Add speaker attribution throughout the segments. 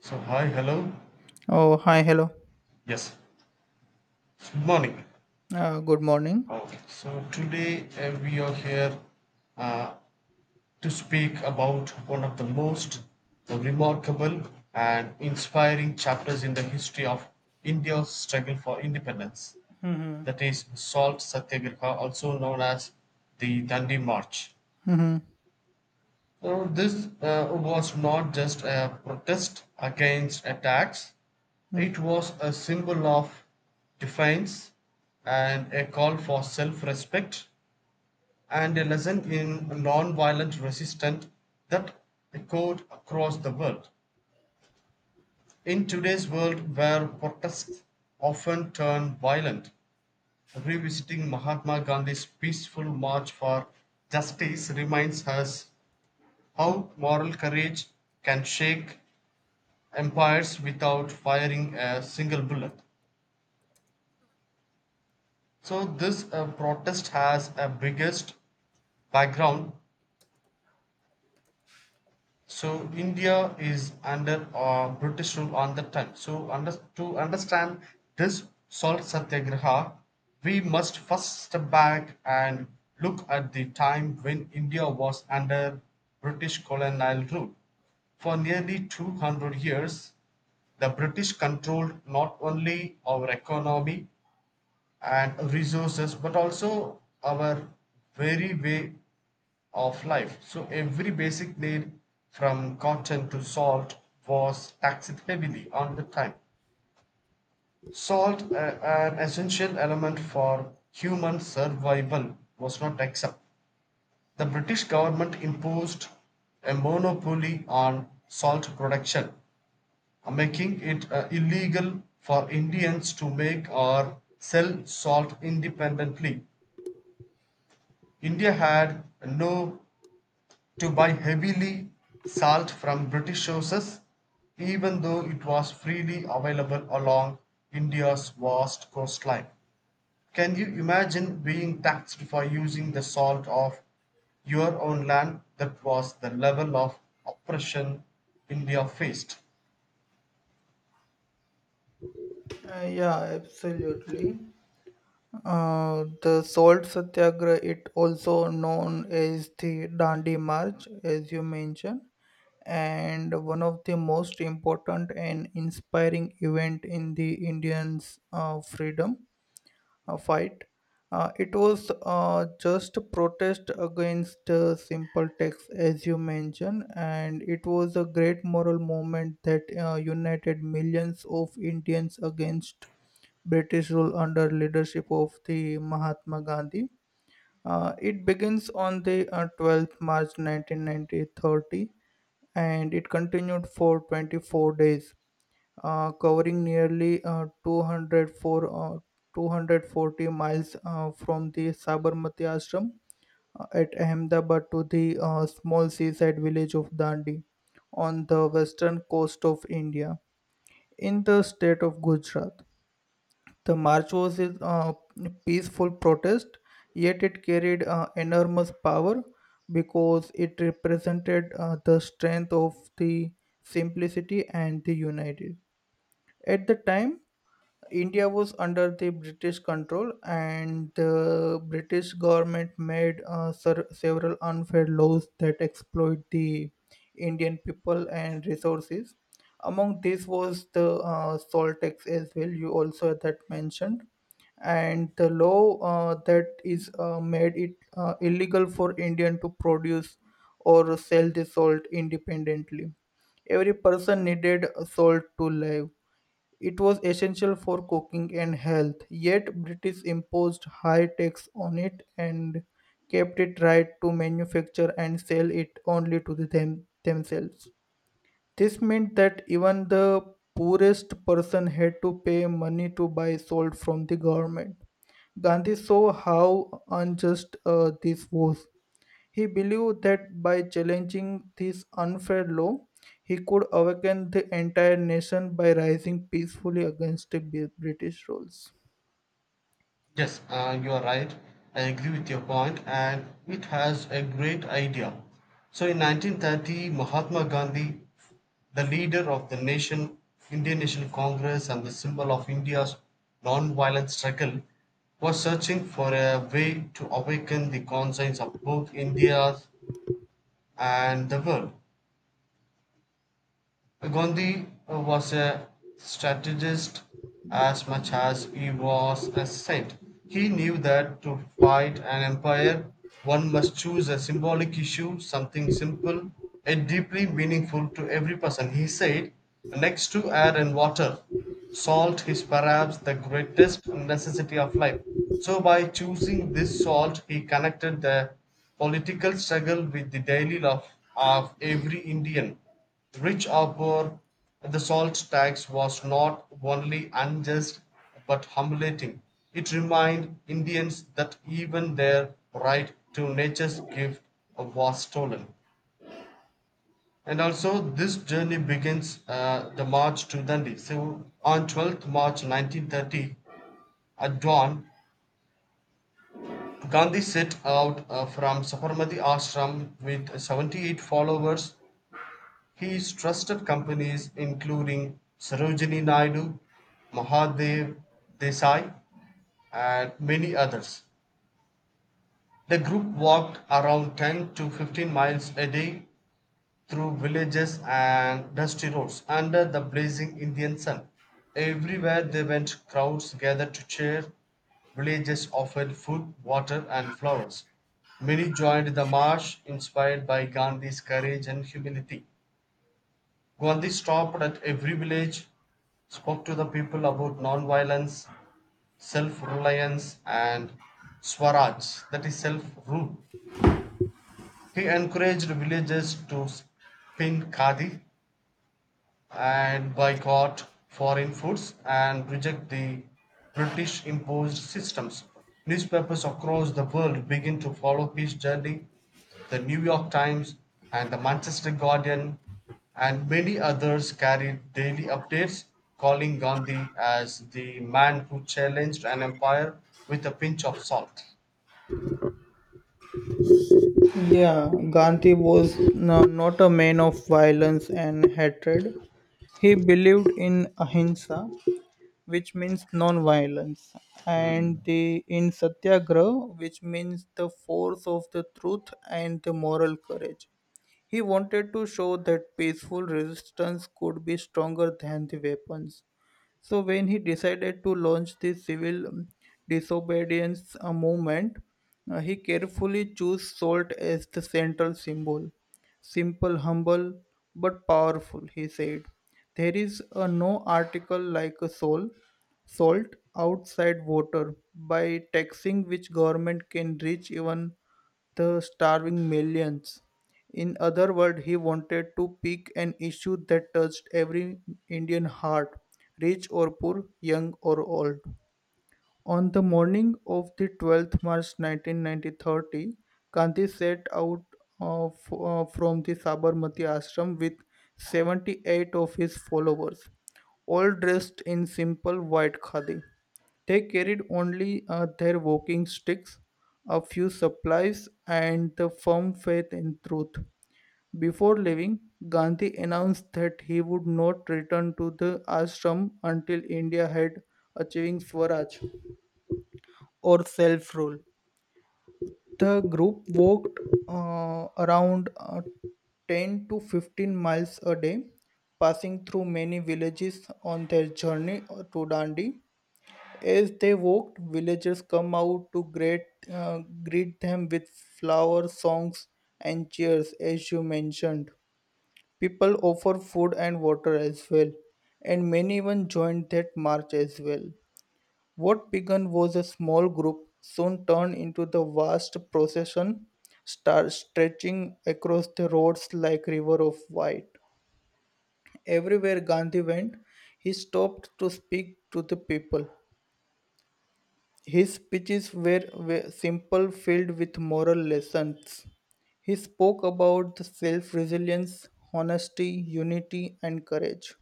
Speaker 1: So, hi, hello.
Speaker 2: Oh, hi, hello.
Speaker 1: Yes, good morning.
Speaker 2: Good morning.
Speaker 1: So, today we are here uh, to speak about one of the most remarkable and inspiring chapters in the history of India's struggle for independence.
Speaker 2: Mm-hmm.
Speaker 1: That is, Salt Satyagraha, also known as the Dandi March.
Speaker 2: Mm-hmm.
Speaker 1: So this was not just a protest against a tax, it was a symbol of defiance and a call for self respect and a lesson in non violent resistance that echoed across the world. In today's world, where protests often turn violent, revisiting Mahatma Gandhi's peaceful march for justice reminds us how moral courage can shake empires without firing a single bullet. So this protest has a biggest background. So India is under British rule on that time. So to understand this salt satyagraha, we must first step back and look at the time when India was under British colonial rule. For nearly 200 years, the British controlled not only our economy and resources but also our very way of life. So every basic need from cotton to salt was taxed heavily on the time. Salt, an essential element for human survival, was not exempt. The British government imposed a monopoly on salt production, making it illegal for Indians to make or sell salt independently. India had no to buy heavily salt from British sources, even though it was freely available along India's vast coastline. Can you imagine being taxed for using the salt of your own land? That was the level of oppression India faced.
Speaker 2: Yeah, absolutely. The Salt Satyagraha, it also known as the Dandi March, as you mentioned, and one of the most important and inspiring event in the Indians' freedom. Fight. It was just a protest against simple tax, as you mentioned, and it was a great moral movement that united millions of Indians against British rule under leadership of the Mahatma Gandhi. It begins on the 12th March nineteen ninety thirty, and it continued for 24 days covering nearly 204, 240 miles from the Sabarmati Ashram at Ahmedabad to the small seaside village of Dandi on the western coast of India in the state of Gujarat. The march was a peaceful protest, yet it carried enormous power because it represented the strength of the simplicity and the united. At the time, India was under the British control, and the British government made several unfair laws that exploit the Indian people and resources. Among these was the salt tax as well. You also had that mentioned, and the law that is made it illegal for Indian to produce or sell the salt independently. Every person needed salt to live, it was essential for cooking and health, yet British imposed high tax on it and kept it right to manufacture and sell it only to them, themselves. This meant that even the poorest person had to pay money to buy salt from the government. Gandhi saw how unjust this was. He believed that by challenging this unfair law, he could awaken the entire nation by rising peacefully against the British rules.
Speaker 1: Yes, you are right. I agree with your point, and it has a great idea. So, in 1930, Mahatma Gandhi, the leader of the nation, Indian National Congress, and the symbol of India's non-violent struggle, was searching for a way to awaken the conscience of both India and the world. Gandhi was a strategist as much as he was a saint. He knew that to fight an empire, one must choose a symbolic issue, something simple, yet deeply meaningful to every person. He said, next to air and water, salt is perhaps the greatest necessity of life. So, by choosing this salt, he connected the political struggle with the daily life of every Indian. The rich or poor, the salt tax was not only unjust but humiliating; it reminded Indians that even their right to nature's gift was stolen. And also this journey begins the march to Dandi. So on 12th March 1930 at dawn, Gandhi set out from Sabarmati Ashram with 78 followers. His trusted companies including Sarojini Naidu, Mahadev Desai and many others. The group walked around 10 to 15 miles a day through villages and dusty roads under the blazing Indian sun. Everywhere they went, crowds gathered to cheer. Villages offered food, water, and flowers. Many joined the march, inspired by Gandhi's courage and humility. Gandhi stopped at every village, spoke to the people about non-violence, self-reliance and Swaraj, that is self-rule. He encouraged villagers to spin khadi and boycott foreign foods and reject the British imposed systems. Newspapers across the world begin to follow his journey. The New York Times and the Manchester Guardian and many others carried daily updates calling Gandhi as the man who challenged an empire with a pinch of salt.
Speaker 2: Yeah, Gandhi was not a man of violence and hatred. He believed in ahimsa, which means non-violence,
Speaker 1: Hmm.
Speaker 2: and the in Satyagraha, which means the force of the truth and the moral courage. He wanted to show that peaceful resistance could be stronger than the weapons. So when he decided to launch the civil disobedience movement, he carefully chose salt as the central symbol. Simple, humble, but powerful, he said. There is no article like a soul, salt outside water by taxing which government can reach even the starving millions. In other words, he wanted to pick an issue that touched every Indian heart, rich or poor, young or old. On the morning of the 12th March 1930, Gandhi set out from the Sabarmati ashram with 78 of his followers, all dressed in simple white khadi. They carried only their walking sticks, a few supplies, and the firm faith in truth. Before leaving, Gandhi announced that he would not return to the ashram until India had achieving Swaraj or self rule. The group walked around 10 to 15 miles a day, passing through many villages on their journey to Dandi. As they walked, villagers come out to greet them with flower songs and cheers, as you mentioned. People offer food and water as well, and many even joined that march as well. What began was a small group soon turned into the vast procession, star stretching across the roads like river of white. Everywhere Gandhi went, he stopped to speak to the people. His speeches were simple, filled with moral lessons. He spoke about self resilience, honesty, unity, and courage.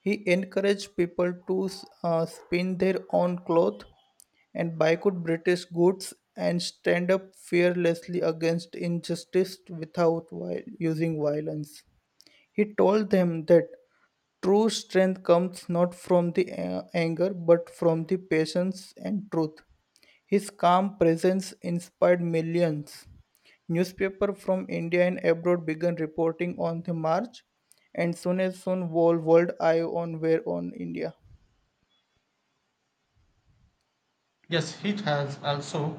Speaker 2: He encouraged people to spin their own cloth and boycott British goods and stand up fearlessly against injustice without using violence. He told them that true strength comes not from the anger but from the patience and truth. His calm presence inspired millions. Newspapers from India and abroad began reporting on the march, and soon whole world eye on were on India.
Speaker 1: Yes, it has also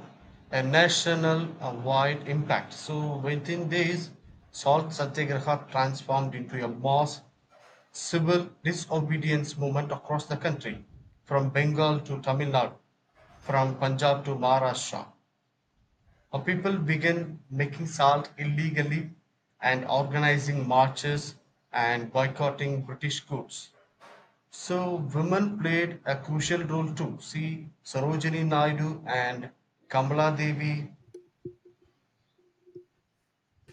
Speaker 1: a national wide impact. So within days, Salt Satyagraha transformed into a mass civil disobedience movement across the country, from Bengal to Tamil Nadu, from Punjab to Maharashtra. People began making salt illegally and organizing marches and boycotting British goods. So women played a crucial role too. See Sarojini Naidu and Kamala Devi,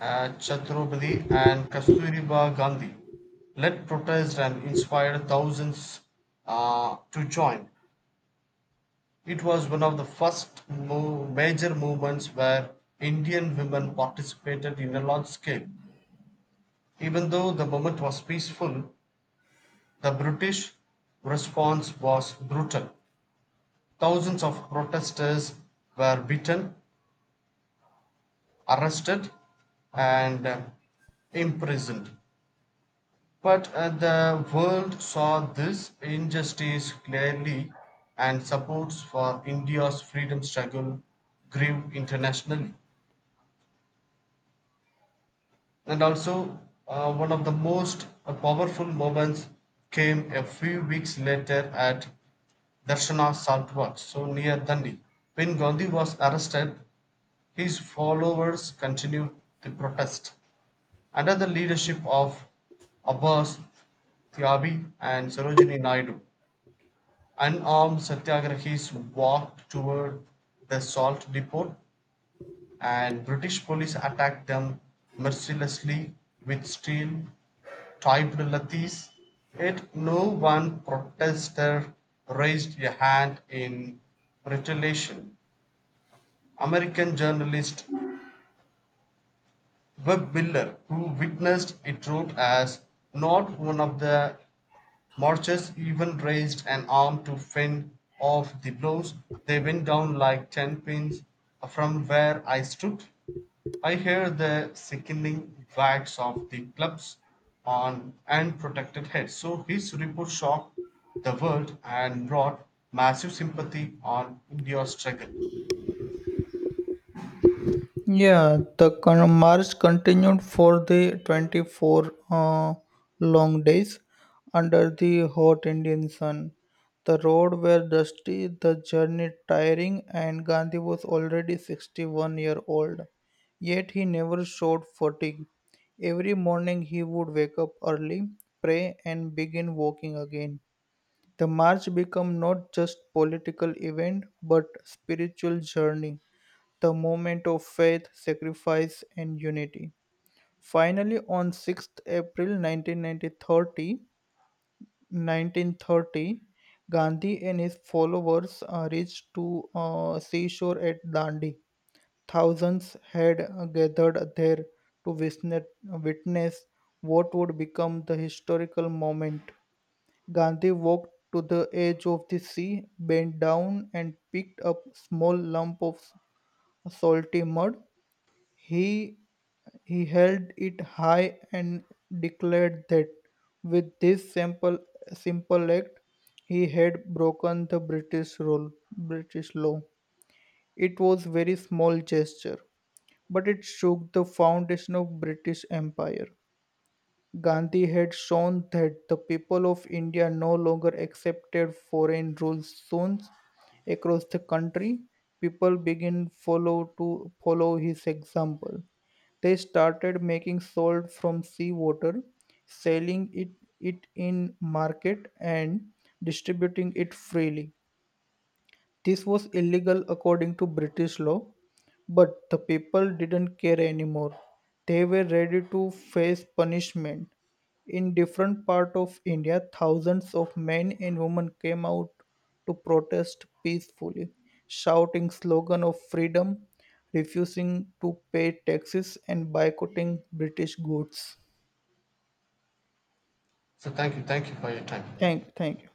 Speaker 1: Chhatrapati and Kasturiba Gandhi led protests and inspired thousands to join. It was one of the first major movements where Indian women participated in a large scale. Even though the movement was peaceful, the British response was brutal. Thousands of protesters were beaten, arrested, and imprisoned. But the world saw this injustice clearly, and supports for India's freedom struggle grew internationally. And also, one of the most powerful moments came a few weeks later at Darshana Saltwat, so near Dandi. When Gandhi was arrested, his followers continued the protest. Under the leadership of Abbas Thiabi and Sarojini Naidu, unarmed satyagrahis walked toward the salt depot and British police attacked them mercilessly with steel topped lathis, yet no one protester raised a hand in retaliation. American journalist Webb Miller, who witnessed it, wrote as not one of the marchers even raised an arm to fend off the blows. They went down like 10 pins from where I stood. I heard the sickening whacks of the clubs on unprotected heads. So his report shocked the world and brought massive sympathy on India's struggle.
Speaker 2: Yeah, the march continued for the 24 long days under the hot Indian sun. The roads were dusty, the journey tiring, and Gandhi was already 61-year-old. Yet he never showed fatigue. Every morning he would wake up early, pray, and begin walking again. The march became not just political event but spiritual journey, the moment of faith, sacrifice, and unity. Finally, on 6th April 1930, Gandhi and his followers reached to seashore at Dandi. Thousands had gathered there to witness what would become the historical moment. Gandhi walked to the edge of the sea, bent down, and picked up a small lump of salty mud. He He held it high and declared that, with this simple act, he had broken the British law. It was very small gesture, but it shook the foundation of British Empire. Gandhi had shown that the people of India no longer accepted foreign rule soon across the country. People began follow his example. They started making salt from seawater, selling it, it in market and distributing it freely. This was illegal according to British law, but the people didn't care anymore. They were ready to face punishment. In different parts of India, thousands of men and women came out to protest peacefully, shouting slogan of freedom, refusing to pay taxes and boycotting British goods.
Speaker 1: So thank you for your time.
Speaker 2: Thank you.